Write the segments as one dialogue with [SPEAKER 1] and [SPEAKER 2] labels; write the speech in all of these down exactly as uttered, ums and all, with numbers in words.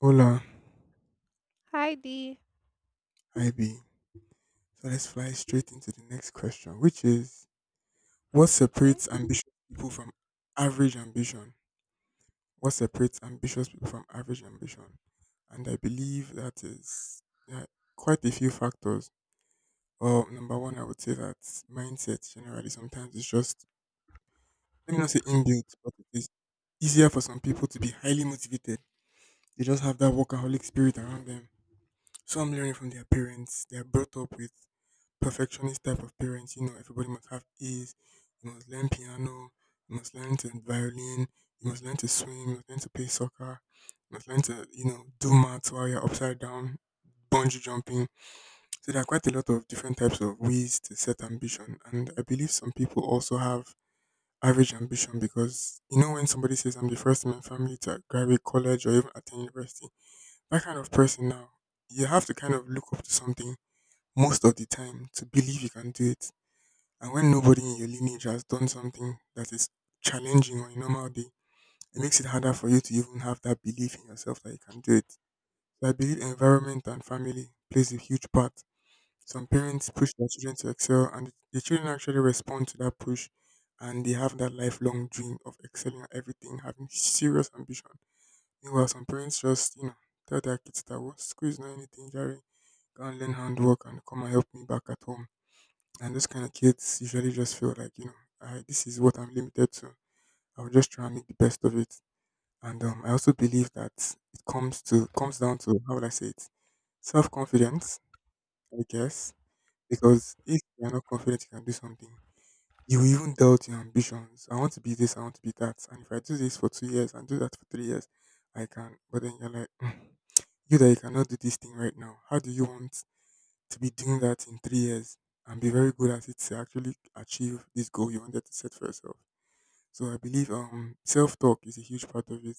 [SPEAKER 1] Hola,
[SPEAKER 2] Hi D.
[SPEAKER 1] I B. So let's fly straight into the next question, which is what
[SPEAKER 2] Okay.
[SPEAKER 1] separates ambitious people from average ambition? What separates ambitious people from average ambition? And I believe that is, yeah, quite a few factors. Well, number one, I would say that mindset generally sometimes is just, let me not say inbuilt, but it is easier for some people to be highly motivated. They just have that workaholic spirit around them. Some learning from their parents, they are brought up with perfectionist type of parents. You know, everybody must have A's. You must learn piano. You must learn to violin. You must learn to swim. You must learn to play soccer. You must learn to, you know, do maths while you're upside down, bungee jumping. So there are quite a lot of different types of ways to set ambition. And I believe some people also have average ambition because, you know, when somebody says, I'm the first in my family to graduate college or even attend university, that kind of person now, you have to kind of look up to something most of the time to believe you can do it. And when nobody in your lineage has done something that is challenging on a normal day, it makes it harder for you to even have that belief in yourself that you can do it. So I believe environment and family plays a huge part. Some parents push their children to excel, and the children actually respond to that push, and they have that lifelong dream of excelling at everything, having serious ambition. Meanwhile, some parents just, you know, tell their kids that, well, school is not anything, Jerry. Go and learn handwork and come and help me back at home, and those kind of kids usually just feel like, you know, I, this is what I'm limited to. I'll just try and make the best of it. And um, I also believe that it comes to comes down to, how would I say it, self confidence, I guess. Because if you're not confident you can do something, you will even doubt your ambitions. I want to be this, I want to be that. And if I do this for two years and do that for three years, I can. But then you're like, "Mm, you that you cannot do this thing right now. How do you want to be doing that in three years and be very good at it to actually achieve this goal you wanted to set for yourself. So I believe um self talk is a huge part of it.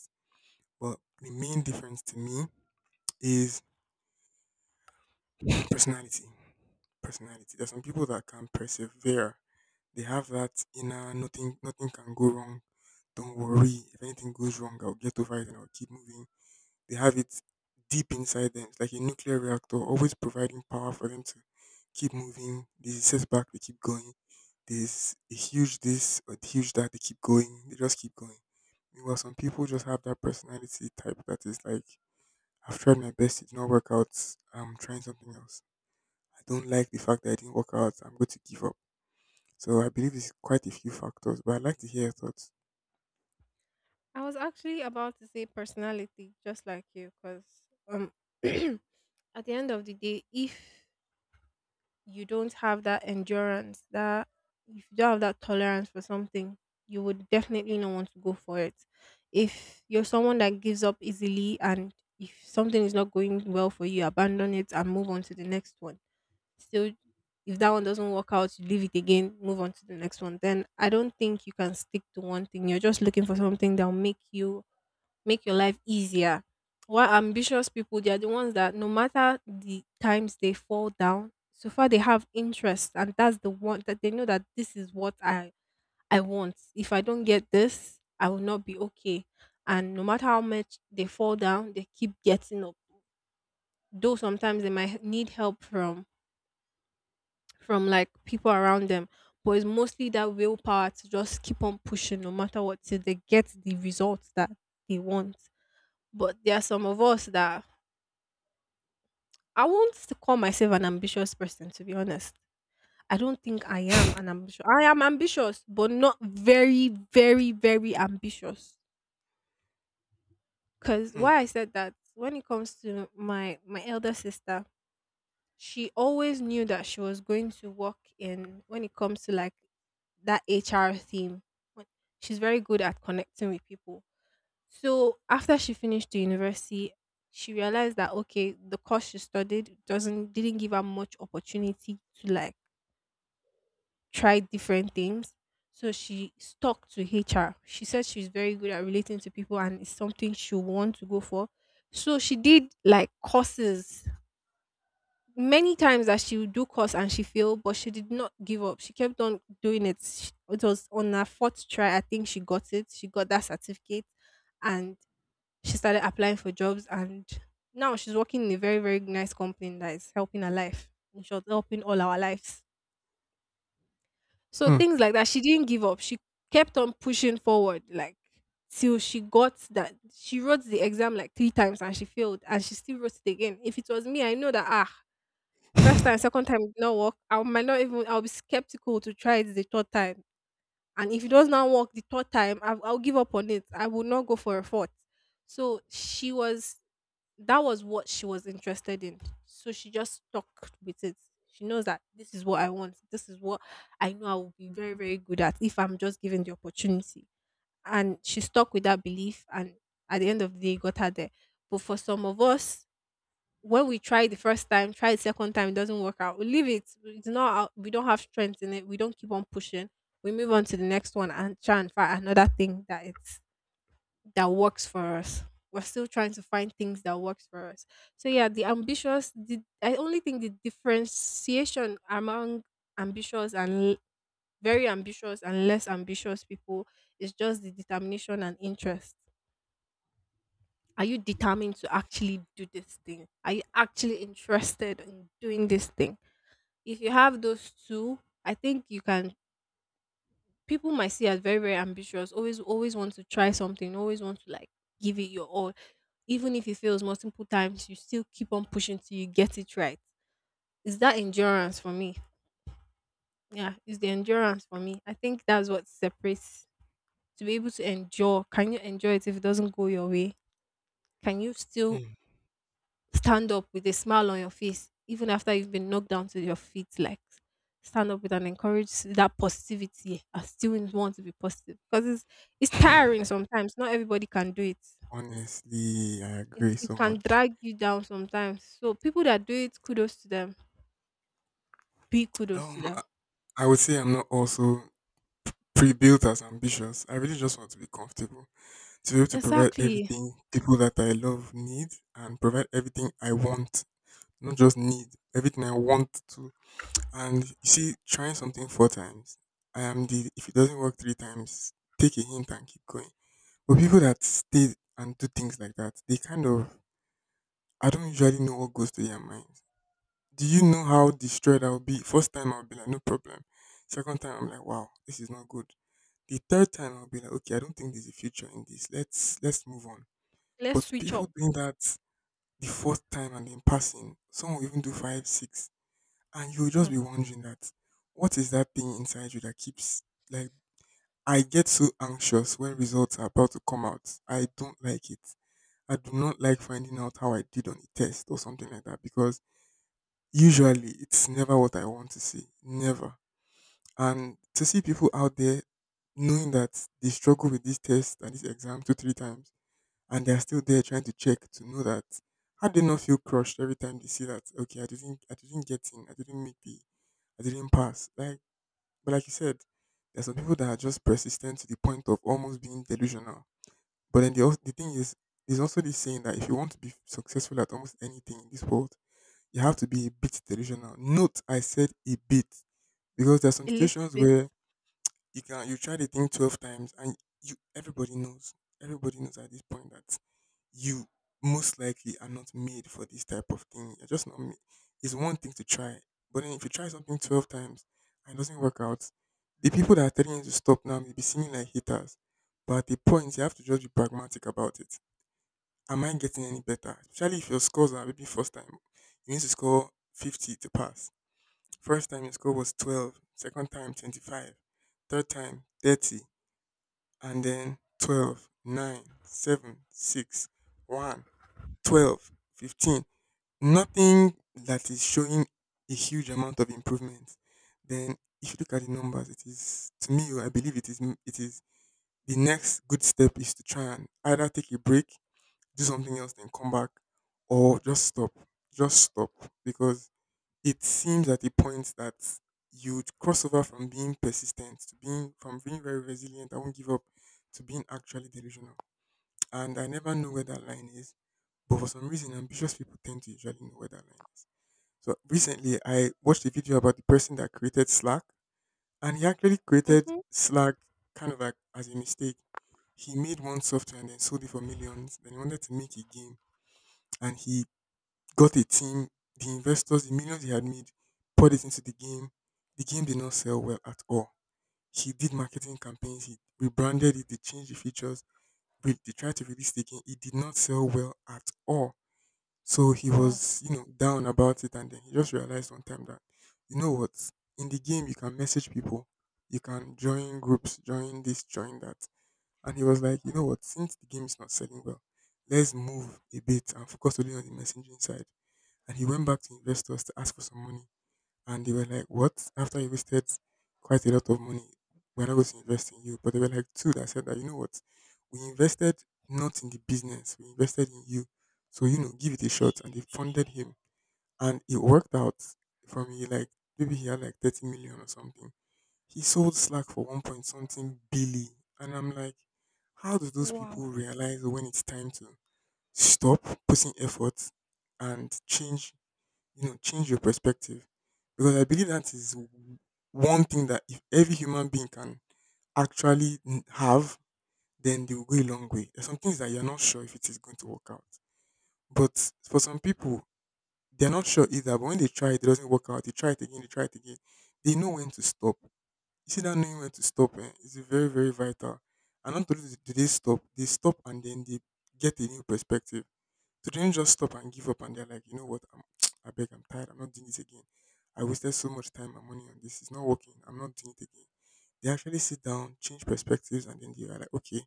[SPEAKER 1] But the main difference to me is personality. Personality. There's some people that can persevere. They have that inner nothing nothing can go wrong. Don't worry. If anything goes wrong, I'll get over it and I'll keep moving. They have it deep inside them. It's like a nuclear reactor, always providing power for them to keep moving. There's a setback, they keep going. There's a huge this or huge that, they keep going. They just keep going. Meanwhile, some people just have that personality type that is like, I've tried my best, it did not work out. I'm trying something else. I don't like the fact that it didn't work out. I'm going to give up. So I believe it's quite a few factors, but I'd like to hear your thoughts.
[SPEAKER 2] I was actually about to say personality, just like you, because um, at the end of the day, if you don't have that endurance, that if you don't have that tolerance for something, you would definitely not want to go for it. If you're someone that gives up easily, and if something is not going well for you, abandon it and move on to the next one. Still if that one doesn't work out you leave it again, move on to the next one, then I don't think you can stick to one thing. You're just looking for something that'll make you make your life easier, while ambitious people, they are the ones that no matter the times they fall down, so far they have interest, and that's the one that they know that this is what i i want. If I don't get this I will not be okay, and no matter how much they fall down they keep getting up, though sometimes they might need help from from like people around them. But it's mostly that willpower to just keep on pushing no matter what till they get the results that they want. But there are some of us that I won't call myself an ambitious person, to be honest. I don't think I am an ambitious. I am ambitious, but not very, very, very ambitious. Cause
[SPEAKER 1] Hmm.
[SPEAKER 2] why I said that, when it comes to my my elder sister, she always knew that she was going to work in, when it comes to like that H R theme. When- She's very good at connecting with people. So after she finished the university, she realized that okay, the course she studied doesn't didn't give her much opportunity to like try different things. So she stuck to H R. She said she's very good at relating to people and it's something she want to go for. So she did like courses many times, that she would do course and she failed, but she did not give up. She kept on doing it. Sh- It was on her fourth try, I think, she got it. She got that certificate and she started applying for jobs. And now she's working in a very, very nice company that is helping her life. In short, helping all our lives. So
[SPEAKER 1] Hmm.
[SPEAKER 2] things like that. She didn't give up. She kept on pushing forward, like till she got that. She wrote the exam like three times and she failed, and she still wrote it again. If it was me, I know that ah, first time, second time did not work, I might not even, I'll be skeptical to try it the third time. And if it does not work the third time, i I'll give up on it. I will not go for a fourth. So she was that was what she was interested in. So she just stuck with it. She knows that this is what I want. This is what I know I will be very, very good at if I'm just given the opportunity. And she stuck with that belief and at the end of the day it got her there. But for some of us, when we try the first time, try the second time, it doesn't work out. We leave it. It's not. Out. We don't have strength in it. We don't keep on pushing. We move on to the next one and try and find another thing that it's that works for us. We're still trying to find things that works for us. So yeah, the ambitious. The I only think the differentiation among ambitious and l- very ambitious and less ambitious people is just the determination and interest. Are you determined to actually do this thing? Are you actually interested in doing this thing? If you have those two, I think you can, people might see as very, very ambitious, always always want to try something, always want to like give it your all. Even if it fails multiple times, you still keep on pushing till you get it right. Is that endurance for me? Yeah, it's the endurance for me. I think that's what separates, to be able to endure. Can you endure it if it doesn't go your way? Can you still
[SPEAKER 1] Hmm.
[SPEAKER 2] stand up with a smile on your face, even after you've been knocked down to your feet? Like stand up with and encourage that positivity. I still want to be positive because it's it's tiring sometimes. Not everybody can do it.
[SPEAKER 1] Honestly, I
[SPEAKER 2] It
[SPEAKER 1] agree
[SPEAKER 2] it
[SPEAKER 1] so
[SPEAKER 2] can
[SPEAKER 1] much.
[SPEAKER 2] drag you down sometimes. So people that do it, kudos to them. Big kudos to
[SPEAKER 1] Um,
[SPEAKER 2] them.
[SPEAKER 1] I would say I'm not also pre-built as ambitious. I really just want to be comfortable, to be able to provide
[SPEAKER 2] Exactly.
[SPEAKER 1] everything people that I love need, and provide everything I want, not just need, everything I want to. And you see, trying something four times, I am the if it doesn't work three times, take a hint and keep going. But people that stay and do things like that, they kind of I don't usually know what goes through their minds. Do you know how destroyed I'll be? First time I'll be like, no problem. Second time I'm like, wow, this is not good. The third time I'll be like, okay, I don't think there's a future in this. Let's let's move on. But
[SPEAKER 2] Let's switch
[SPEAKER 1] people
[SPEAKER 2] up.
[SPEAKER 1] doing that the fourth time and then passing, some will even do five, six, and you'll just
[SPEAKER 2] hmm,
[SPEAKER 1] be wondering that what is that thing inside you that keeps, like, I get so anxious when results are about to come out. I don't like it. I do not like finding out how I did on a test or something like that, because usually it's never what I want to see. Never. And to see people out there knowing that they struggle with this test and this exam two, three times, and they're still there trying to check to know that how do they not feel crushed every time they see that, okay, I didn't I didn't get in, I didn't make the I didn't pass. Like, but like you said, there's some people that are just persistent to the point of almost being delusional. But then the al- the thing is, there's also this saying that if you want to be successful at almost anything in this world, you have to be a bit delusional. Note I said a bit, because there are some
[SPEAKER 2] a little
[SPEAKER 1] situations
[SPEAKER 2] bit.
[SPEAKER 1] where you can you try the thing twelve times, and you everybody knows. Everybody knows at this point that you most likely are not made for this type of thing. You're just not made. It's one thing to try, but then if you try something twelve times and it doesn't work out, the people that are telling you to stop now may be seeming like haters. But at the point, you have to just be pragmatic about it. Am I getting any better? Especially if your scores are, maybe first time, you need to score fifty to pass. First time your score was twelve, second time twenty-five, third time thirty, and then twelve, nine, seven, six, one, twelve, fifteen. Nothing that is showing a huge amount of improvement. Then, if you look at the numbers, it is, to me, I believe it is it is the next good step is to try and either take a break, do something else, then come back, or just stop, just stop, because it seems at a point that you'd cross over from being persistent to being, from being very resilient, I won't give up, to being actually delusional. And I never know where that line is, but for some reason, ambitious people tend to usually know where that line is. So recently, I watched a video about the person that created Slack, and he actually created
[SPEAKER 2] hmm
[SPEAKER 1] Slack kind of like as a mistake. He made one software and then sold it for millions. Then he wanted to make a game, and he got a team, the investors, the millions he had made, poured it into the game. The game did not sell well at all. He did marketing campaigns, he rebranded it, they changed the features, re- they tried to release the game. It did not sell well at all. So he
[SPEAKER 2] Wow.
[SPEAKER 1] was, you know, down about it, and then he just realized one time that, you know what, in the game you can message people, you can join groups, join this, join that. And he was like, you know what, since the game is not selling well, let's move a bit and focus only on the messaging side, and he went back to investors to ask for some money. And they were like, What? After you wasted quite a lot of money, we're not going to invest in you. But they were like two that said that, you know what? We invested not in the business, we invested in you. So, you know, give it a shot. And they funded him. And it worked out. From, he like maybe he had like thirty million or something. He sold Slack for one point something billion. And I'm like, how do those
[SPEAKER 2] Wow.
[SPEAKER 1] people realize when it's time to stop putting effort and change, you know, change your perspective, because I believe that is w- one thing that if every human being can actually n- have, then they will go a long way. There's some things that you're not sure if it is going to work out, but for some people, they're not sure either. But when they try, it, it doesn't work out. They try it again. They try it again. They know when to stop. You see that knowing when to stop, eh, is very very vital. And not only do do they stop, they stop and then they get a new perspective. They didn't just stop and give up and they're like, you know what, I'm, I beg, I'm tired, I'm not doing this again. I wasted so much time and money on this. It's not working. I'm not doing it again. They actually sit down, change perspectives, and then they are like, okay,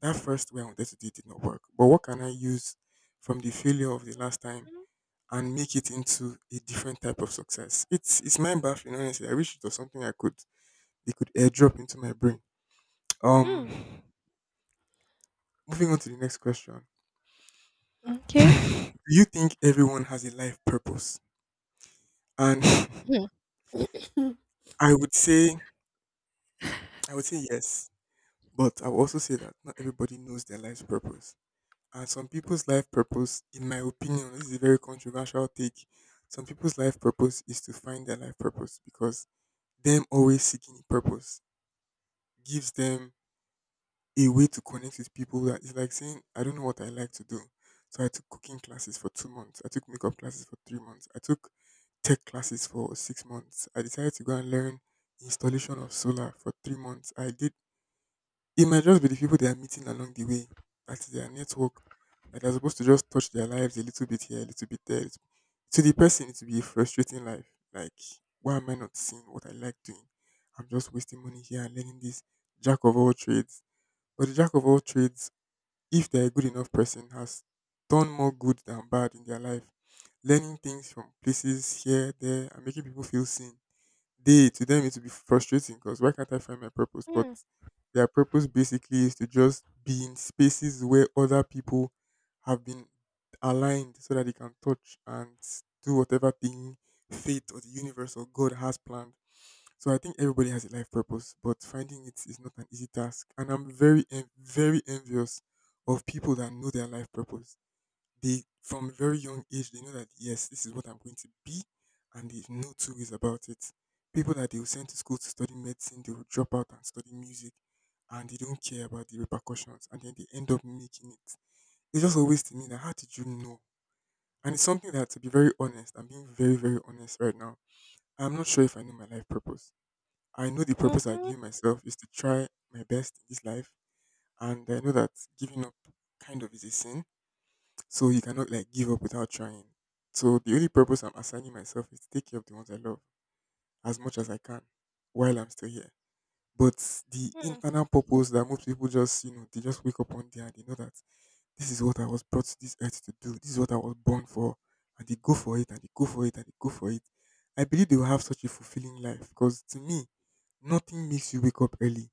[SPEAKER 1] that first way I wanted to do it did not work. But what can I use from the failure of the last time and make it into a different type of success? It's it's mind baffling, honestly. I wish it was something I could they could airdrop into my brain. Um
[SPEAKER 2] hmm
[SPEAKER 1] Moving on to the next question. Do
[SPEAKER 2] Okay.
[SPEAKER 1] you think everyone has a life purpose? And
[SPEAKER 2] Hmm.
[SPEAKER 1] I would say I would say yes, but I would also say that not everybody knows their life's purpose. And some people's life purpose, in my opinion, this is a very controversial take. Some people's life purpose is to find their life purpose because them always seeking a purpose gives them a way to connect with people that is like saying, I don't know what I like to do. So I took cooking classes for two months. I took makeup classes for three months. I took tech classes for six months. I decided to go and learn installation of solar for three months. I did. It might just be the people they are meeting along the way, at their network, that they're supposed to just touch their lives a little bit here, a little bit there. It's- To the person, it will be a frustrating life. Like, why am I not seeing what I like doing? I'm just wasting money here and learning this jack of all trades. But the jack of all trades, if they're a good enough person, has done more good than bad in their life. Learning things from places here, there, and making people feel seen, they to them it will be frustrating because why can't I find my purpose? But
[SPEAKER 2] Mm-hmm.
[SPEAKER 1] their purpose basically is to just be in spaces where other people have been aligned so that they can touch and do whatever thing fate or the universe or God has planned. So I think everybody has a life purpose, but finding it is not an easy task. And I'm very, en- very envious of people that know their life purpose. They From a very young age, they know that yes, this is what I'm going to be and there's no two ways about it. People that they will send to school to study medicine, they will drop out and study music and they don't care about the repercussions and then they end up making it. It's just always to me that how did you know? And it's something that, to be very honest, I'm being very, very honest right now. I'm not sure if I know my life purpose. I know the
[SPEAKER 2] Hmm.
[SPEAKER 1] purpose I
[SPEAKER 2] Mhm.
[SPEAKER 1] give myself is to try my best in this life, and I know that giving up kind of is a sin, so you cannot like give up without trying. So the only purpose I'm assigning myself is to take care of the ones I love as much as I can while I'm still here. But the internal purpose that most people just, you know, they just wake up one day and they know that this is what I was brought to this earth to do. This is what I was born for. And they go for it and they go for it and they go for it. I believe they will have such a fulfilling life because to me, nothing makes you wake up early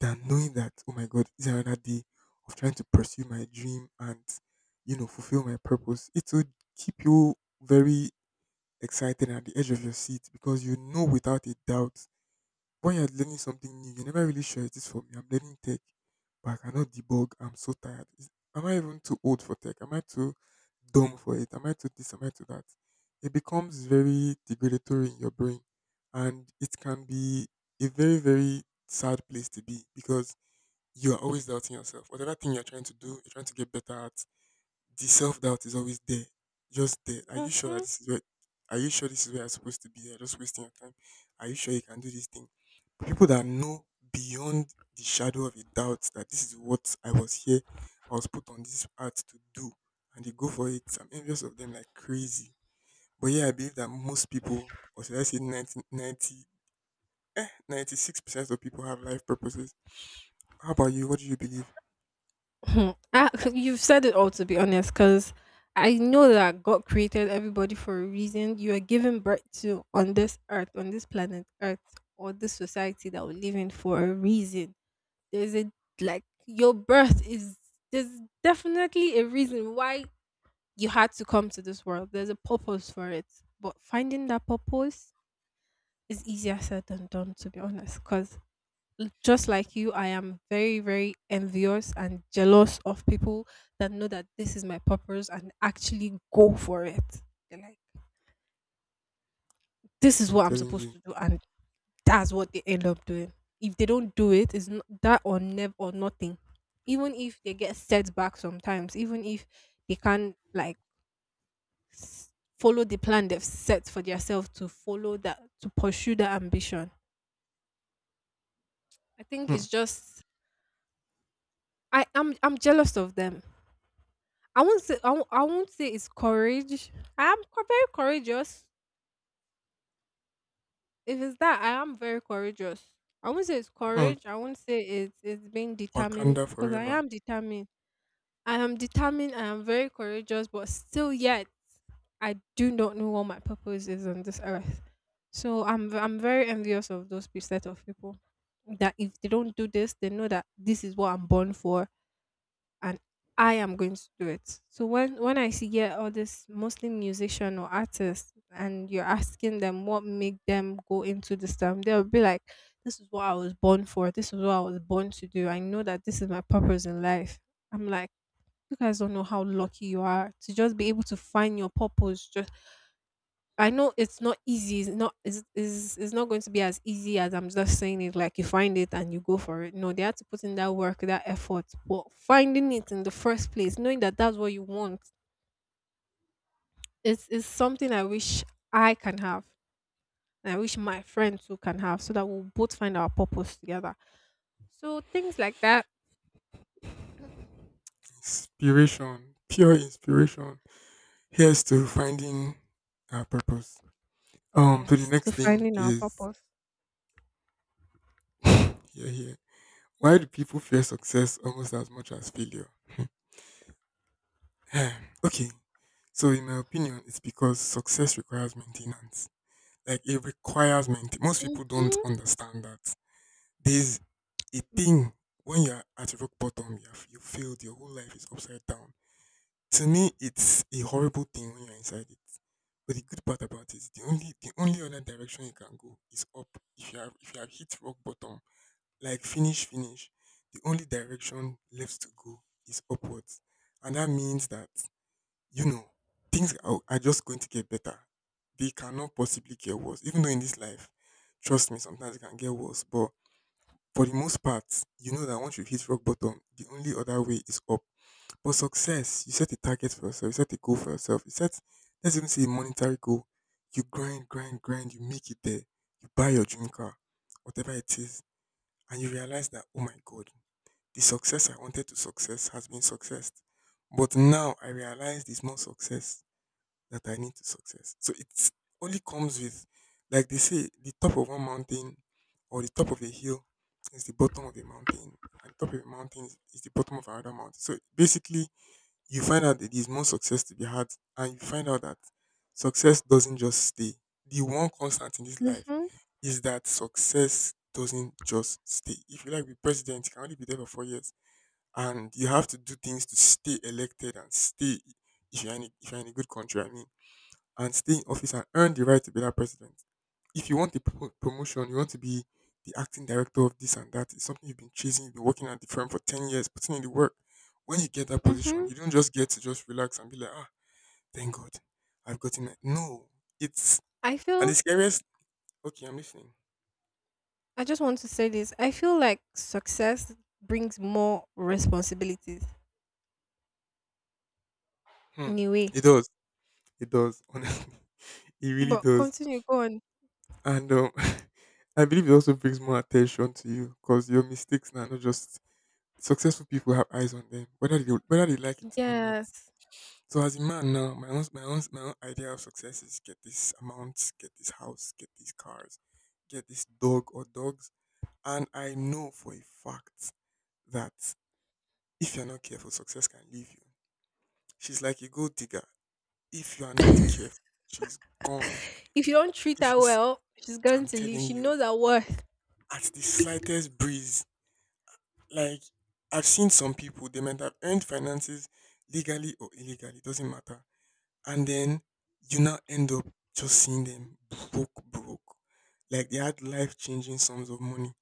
[SPEAKER 1] than knowing that, oh my God, is another day of trying to pursue my dream and, you know, fulfill my purpose. It will keep you very excited and at the edge of your seat because you know without a doubt when you're learning something new, you're never really sure it is for me. I'm learning tech, but I cannot debug. I'm so tired. Is, am I even too old for tech? Am I too dumb for it? Am I too this? Am I too that? It becomes very degradatory in your brain, and it can be a very, very sad place to be because you are always doubting yourself. Whatever thing you're trying to do, you're trying to get better at, the self doubt is always there. Just there. Are you
[SPEAKER 2] Mhm.
[SPEAKER 1] sure that
[SPEAKER 2] Mhm.
[SPEAKER 1] this is where are you sure this is where you're supposed to be? You're just wasting your time. Are you sure you can do this thing? People that know beyond the shadow of a doubt that this is what I was here, I was put on this earth to do, and they go for it. I'm envious of them like crazy. But yeah, I believe that most people, or should I say ninety ninety ninety six percent of people have life purposes. How about you? What do you believe?
[SPEAKER 2] Hmm. Ah, you've said it all, to be honest, because I know that God created everybody for a reason. You are given birth to on this earth, on this planet Earth, or this society that we live in for a reason. There's a, like your birth is, there's definitely a reason why you had to come to this world. There's a purpose for it, but finding that purpose is easier said than done, to be honest, because l- just like you, I am very, very envious and jealous of people that know that this is my purpose and actually go for it. They're like, this is
[SPEAKER 1] I'm
[SPEAKER 2] what I'm
[SPEAKER 1] telling you.
[SPEAKER 2] supposed to do, and that's what they end up doing. If they don't do it, it's not that or never or nothing. Even if they get setback sometimes, even if they can't like s- follow the plan they've set for themselves to follow, that to pursue that ambition. I think
[SPEAKER 1] Hmm.
[SPEAKER 2] it's just, I am I'm, I'm jealous of them. I won't say I, won't- I won't say it's courage. I am co- very courageous. If it's that, I am very courageous. I won't say it's
[SPEAKER 1] Hmm.
[SPEAKER 2] courage. I won't say it's it's being determined
[SPEAKER 1] Wakanda
[SPEAKER 2] because I
[SPEAKER 1] forever.
[SPEAKER 2] am determined. I am determined. I am very courageous, but still yet I do not know what my purpose is on this earth. So I'm v- I'm very envious of those pe- set of people that if they don't do this, they know that this is what I'm born for and I am going to do it. So when when I see yeah, all this Muslim musician or artist and you're asking them what make them go into this time, they'll be like, this is what I was born for, this is what I was born to do. I know that this is my purpose in life. I'm like, you guys don't know how lucky you are to just be able to find your purpose. Just, I know it's not easy. It's not It's it's it's not going to be as easy as I'm just saying it. Like you find it and you go for it. No, they had to put in that work, that effort. But finding it in the first place, knowing that that's what you want, it's is something I wish I can have, and I wish my friends too can have, so that we'll both find our purpose together. So things like that,
[SPEAKER 1] Inspiration. Pure inspiration. Here's to finding our purpose. Um, so the
[SPEAKER 2] yes, to
[SPEAKER 1] next thing
[SPEAKER 2] finding our
[SPEAKER 1] is
[SPEAKER 2] purpose.
[SPEAKER 1] yeah, yeah. Why do people fear success almost as much as failure? Okay, so in my opinion, it's because success requires maintenance. Like, it requires maintenance. Most people don't
[SPEAKER 2] Mhm.
[SPEAKER 1] understand that there's a thing. When you're at rock bottom, you have you failed. Your whole life is upside down. To me, it's a horrible thing when you're inside it. But the good part about it, the only the only other direction you can go is up. If you have if you have hit rock bottom, like, finish, finish, the only direction left to go is upwards. And that means that, you know, things are, are just going to get better. They cannot possibly get worse. Even though in this life, trust me, sometimes it can get worse. But for the most part, you know that once you hit rock bottom, the only other way is up. But success, you set a target for yourself, you set a goal for yourself, you set, let's even say a monetary goal. You grind, grind, grind, you make it there, you buy your dream car, whatever it is, and you realize that, oh my God, the success I wanted to success has been successed. But now I realize there's more success that I need to success. So it's only comes with, like they say, the top of one mountain or the top of a hill is the bottom of a mountain. And the top of a mountain is, is the bottom of another mountain. So basically, you find out that there's more success to be had, and you find out that success doesn't just stay. The one constant in this life
[SPEAKER 2] Mhm.
[SPEAKER 1] is that success doesn't just stay. If you like be president, you can only be there for four years and you have to do things to stay elected and stay if you're in a, if you're in a good country, I mean, and stay in office and earn the right to be that president. If you want a pro- promotion, you want to be the acting director of this and that. It's something you've been chasing. You've been working at the firm for ten years, putting in the work. When you get that position,
[SPEAKER 2] Mhm.
[SPEAKER 1] you don't just get to just relax and be like, ah, thank God, I've gotten it. No, it's
[SPEAKER 2] I
[SPEAKER 1] and the
[SPEAKER 2] feel
[SPEAKER 1] scariest. Okay, I'm listening.
[SPEAKER 2] I just want to say this. I feel like success brings more responsibilities
[SPEAKER 1] Hmm.
[SPEAKER 2] in a way.
[SPEAKER 1] It does. It does. Honestly, it really
[SPEAKER 2] But
[SPEAKER 1] does
[SPEAKER 2] continue, go on.
[SPEAKER 1] and um, I believe it also brings more attention to you because your mistakes now are not just successful people have eyes on them, whether they whether they like it or not.
[SPEAKER 2] Yes.
[SPEAKER 1] So as a man now, my own my own my own idea of success is get this amount, get this house, get these cars, get this dog or dogs, and I know for a fact that if you're not careful, success can leave you. She's like a gold digger. If you are not careful, she's gone.
[SPEAKER 2] If you don't treat
[SPEAKER 1] If
[SPEAKER 2] her
[SPEAKER 1] she's,
[SPEAKER 2] well, she's going
[SPEAKER 1] I'm
[SPEAKER 2] to leave.
[SPEAKER 1] telling
[SPEAKER 2] She
[SPEAKER 1] you,
[SPEAKER 2] knows her worth.
[SPEAKER 1] at the slightest breeze, like, I've seen some people, they might have earned finances legally or illegally, doesn't matter. And then you now end up just seeing them broke, broke. Like, they had life changing sums of money.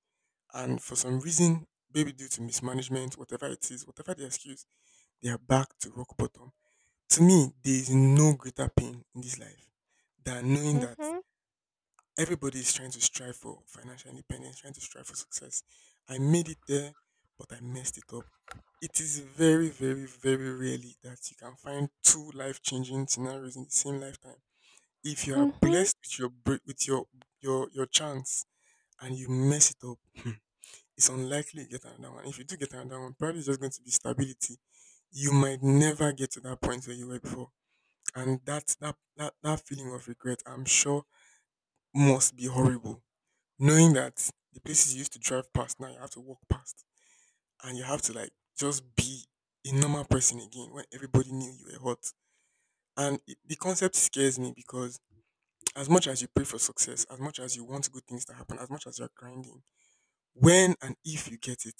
[SPEAKER 1] And for some reason, maybe due to mismanagement, whatever it is, whatever the excuse, they are back to rock bottom. To me, there is no greater pain in this life than knowing that
[SPEAKER 2] Mm-hmm.
[SPEAKER 1] everybody is trying to strive for financial independence, trying to strive for success. I made it there, but I messed it up. It is very, very, very rarely that you can find two life changing scenarios in the same lifetime. If you are
[SPEAKER 2] Mm-hmm.
[SPEAKER 1] blessed with your br- with your your your chance and you mess it up, hmm, it's unlikely you get another one. If you do get another one, probably it's just going to be stability. You might never get to that point where you were before, and that that that, that feeling of regret, I'm sure, must be horrible. Knowing that the places you used to drive past now you have to walk past, and you have to like just be a normal person again when everybody knew you were hot. And it, the concept scares me because as much as you pray for success, as much as you want good things to happen, as much as you're grinding, when and if you get it,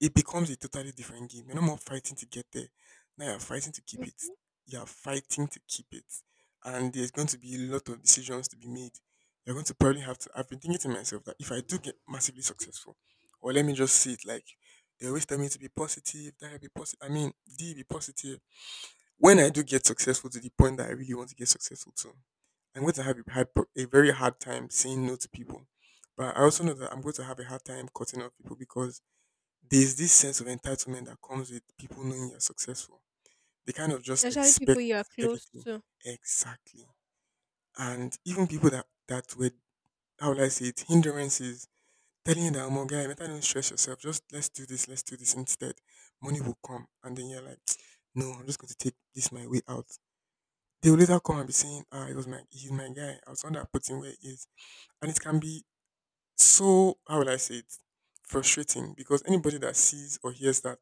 [SPEAKER 1] it becomes a totally different game. You're no more fighting to get there. Now you're fighting to keep it.
[SPEAKER 2] Mhm.
[SPEAKER 1] You're fighting to keep it. And there's going to be a lot of decisions to be made. You're going to probably have to. I've been thinking to myself that if I do get massively successful, or let me just say it like they always tell me to be positive, that I be positive. I mean, D be positive. When I do get successful to the point that I really want to get successful to, I'm going to have a, hard, a very hard time saying no to people. But I also know that I'm going to have a hard time cutting off people because there's this sense of entitlement that comes with people knowing you're successful. They kind of just
[SPEAKER 2] Especially
[SPEAKER 1] expect
[SPEAKER 2] people you are close
[SPEAKER 1] everything.
[SPEAKER 2] to.
[SPEAKER 1] Exactly. And even people that, that were, how will I say it, hindrances, telling you that, oh, my guy, better don't stress yourself. Just let's do this, let's do this instead. Money will come. And then you're like, no, I'm just going to take this my way out. They will later come and be saying, ah, it was my, he's my guy. I was the one that put him where he is. And it can be so, how will I say it, frustrating because anybody that sees or hears that,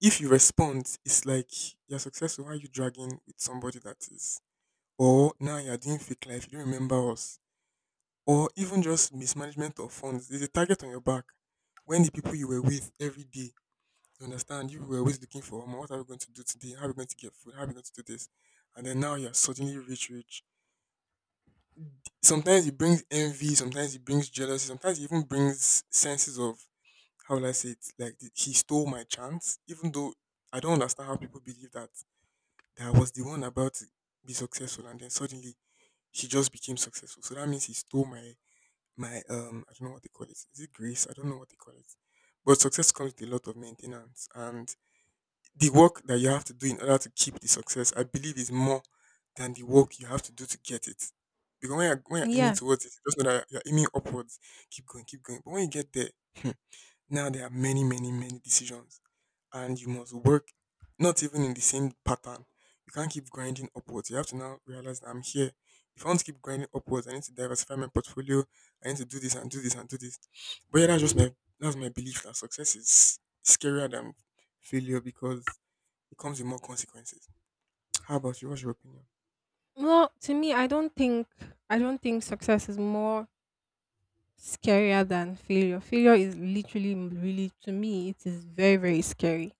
[SPEAKER 1] if you respond, it's like you're successful. Why are you dragging with somebody that is? Or now you're doing fake life, you don't remember us. Or even just mismanagement of funds. There's a target on your back. When the people you were with every day, you understand, you were always looking for, "Omo, what are we going to do today? How are we going to get food? How are we going to do this?" And then now you're suddenly rich, rich. Sometimes it brings envy, sometimes it brings jealousy, sometimes it even brings senses of, how will I say it? Like he stole my chance, even though I don't understand how people believe that. That I was the one about to be successful, and then suddenly she just became successful. So that means he stole my my um I don't know what they call it. Is it grace? I don't know what they call it. But success comes with a lot of maintenance, and the work that you have to do in order to keep the success, I believe, is more than the work you have to do to get it. Because when you're, when you're aiming
[SPEAKER 2] Yeah.
[SPEAKER 1] towards it, just know that you're aiming upwards. Keep going, keep going. But when you get there, now there are many, many, many decisions, and you must work not even in the same pattern. You can't keep grinding upwards. You have to now realize that I'm here. If I want to keep grinding upwards, I need to diversify my portfolio. I need to do this and do this and do this. But yeah, that's just my that's my belief that success is scarier than failure because it comes with more consequences. How about you? What's your opinion?
[SPEAKER 2] Well, to me, I don't think I don't think success is more scarier than failure. Failure is literally, m- really, to me, it is very, very scary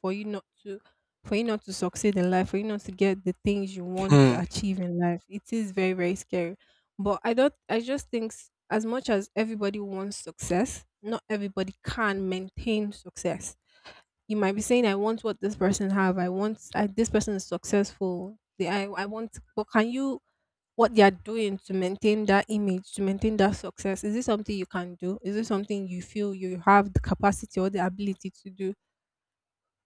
[SPEAKER 2] for you not to, for you not to succeed in life, for you not to get the things you want to
[SPEAKER 1] Hmm.
[SPEAKER 2] achieve in life. It is very, very scary. But I don't. I just think, s- as much as everybody wants success, not everybody can maintain success. You might be saying, "I want what this person have. I want. I, this person is successful. They, I, I want." But can you, what they are doing to maintain that image, to maintain that success? Is this something you can do? Is this something you feel you have the capacity or the ability to do?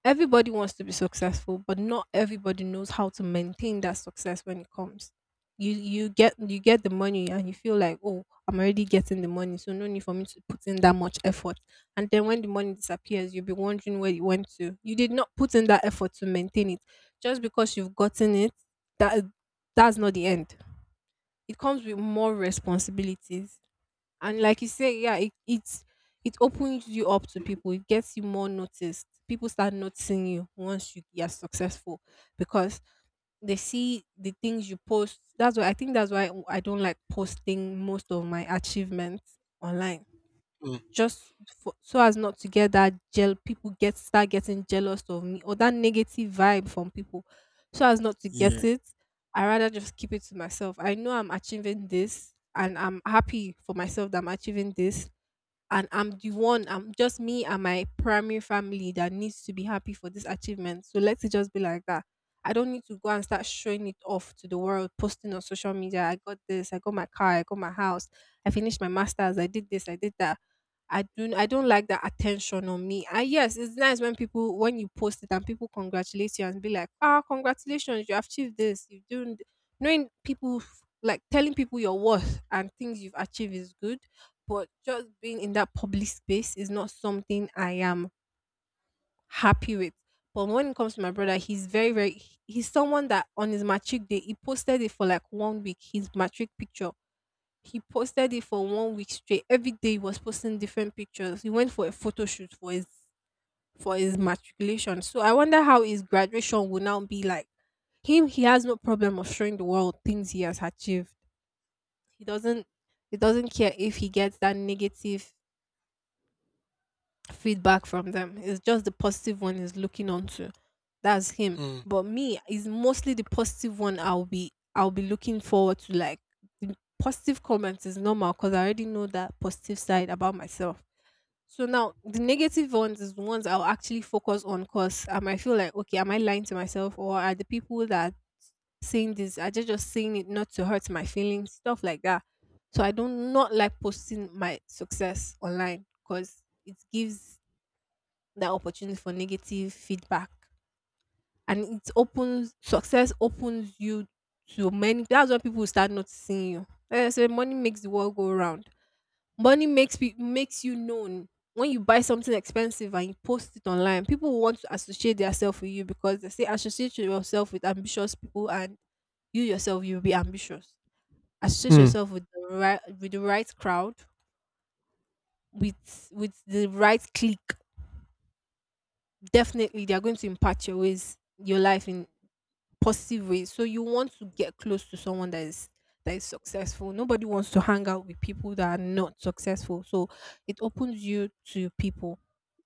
[SPEAKER 2] Everybody wants to be successful, but not everybody knows how to maintain that success when it comes. You you get you get the money and you feel like, oh, I'm already getting the money, so no need for me to put in that much effort. And then when the money disappears, you'll be wondering where it went to. You did not put in that effort to maintain it. Just because you've gotten it, that that's not the end. It comes with more responsibilities. And like you say, yeah, it it's it opens you up to people, it gets you more noticed. People start noticing you once you you are successful, because they see the things you post. That's why I think, that's why I don't like posting most of my achievements online.
[SPEAKER 1] Hmm.
[SPEAKER 2] Just for, so as not to get that gel, people get start getting jealous of me, or that negative vibe from people. So as not to
[SPEAKER 1] Yeah.
[SPEAKER 2] get it, I rather just keep it to myself. I know I'm achieving this, and I'm happy for myself that I'm achieving this. And I'm the one. I'm just me and my primary family that needs to be happy for this achievement. So let it just be like that. I don't need to go and start showing it off to the world, posting on social media. I got this. I got my car. I got my house. I finished my masters. I did this. I did that. I don't I don't like that attention on me. And yes, it's nice when people when you post it and people congratulate you and be like, "Ah, congratulations, you achieved this. You doing th-" knowing people f- like," telling people your worth and things you've achieved is good, but just being in that public space is not something I am happy with. But when it comes to my brother, he's very, very he- he's someone that, on his matric day, he posted it for like one week, his matric picture. He posted it for one week straight. Every day he was posting different pictures. He went for a photo shoot for his for his matriculation. So I wonder how his graduation will now be like. Him, he has no problem of showing the world things he has achieved. He doesn't he doesn't care if he gets that negative feedback from them. It's just the positive one is looking onto. That's him.
[SPEAKER 1] Hmm.
[SPEAKER 2] But me is mostly the positive one. I'll be I'll be looking forward to, like, the positive comments is normal, because I already know that positive side about myself. So now the negative ones is the ones I'll actually focus on, because I might feel like, okay, am I lying to myself, or are the people that are saying this, are they just saying it not to hurt my feelings, stuff like that. So I do not like posting my success online, because it gives that opportunity for negative feedback. And it opens success opens you to many. That's when people will start noticing you. Like I said, money makes the world go round. Money makes pe- makes you known. When you buy something expensive and you post it online, people will want to associate themselves with you, because they say, associate yourself with ambitious people and you yourself you'll be ambitious. Associate
[SPEAKER 1] Hmm.
[SPEAKER 2] yourself with the right with the right crowd, with with the right clique. Definitely they are going to impact your ways, your life, in positive way. So you want to get close to someone that is that is successful. Nobody wants to hang out with people that are not successful. So it opens you to people.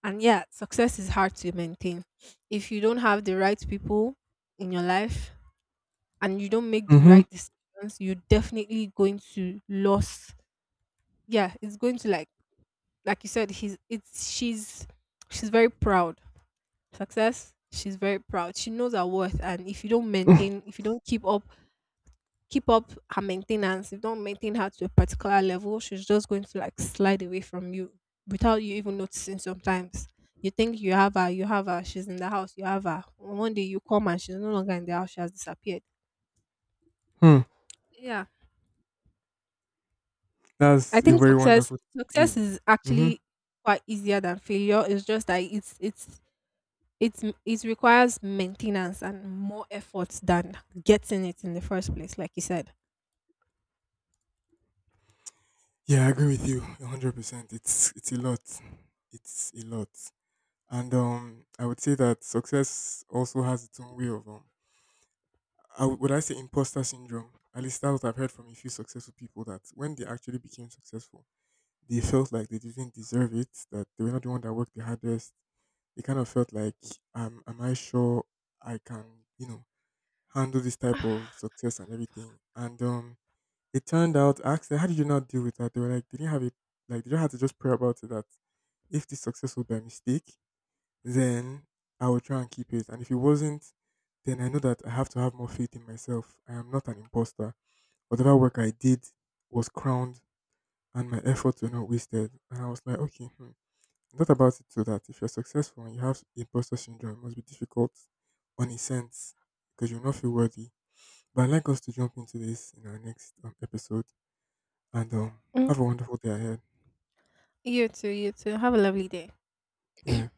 [SPEAKER 2] And yeah, success is hard to maintain. If you don't have the right people in your life and you don't make the
[SPEAKER 1] Mm-hmm.
[SPEAKER 2] right decisions, you're definitely going to lose. Yeah, it's going to, like like you said, he's it's she's she's very proud. Success, she's very proud. She knows her worth, and if you don't maintain if you don't keep up keep up her maintenance. If you don't maintain her to a particular level, she's just going to, like, slide away from you without you even noticing sometimes. You think you have her, you have her, she's in the house, you have her. One day you come and she's no longer in the house, she has disappeared.
[SPEAKER 1] Hmm.
[SPEAKER 2] Yeah. I
[SPEAKER 1] That's a
[SPEAKER 2] think
[SPEAKER 1] very
[SPEAKER 2] success
[SPEAKER 1] wonderful gift.
[SPEAKER 2] success is
[SPEAKER 1] Mm-hmm.
[SPEAKER 2] actually quite easier than failure. It's just that it's it's it's it requires maintenance and more effort than getting it in the first place, like you said.
[SPEAKER 1] Yeah, I agree with you one hundred percent. It's it's a lot. It's a lot. And um I would say that success also has its own way of um I would, would I say imposter syndrome. At least that's what I've heard from a few successful people that when they actually became successful, they felt like they didn't deserve it, that they were not the one that worked the hardest. They kind of felt like um am I sure I can, you know, handle this type of success and everything. And um it turned out, I asked them, how did you not deal with that? They were like, they didn't have it, like, they don't have to just pray about it that if this success was by mistake, then I will try and keep it. And if it wasn't, then I know that I have to have more faith in myself. I am not an imposter. Whatever work I did was crowned and my efforts were not wasted. And I was like, okay, hmm. I thought about it so that if you're successful and you have imposter syndrome, it must be difficult on a sense because you'll not feel worthy. But I'd like us to jump into this in our next um, episode and um,
[SPEAKER 2] Mm.
[SPEAKER 1] have a wonderful day ahead.
[SPEAKER 2] You too, you too. Have a lovely day.
[SPEAKER 1] Yeah.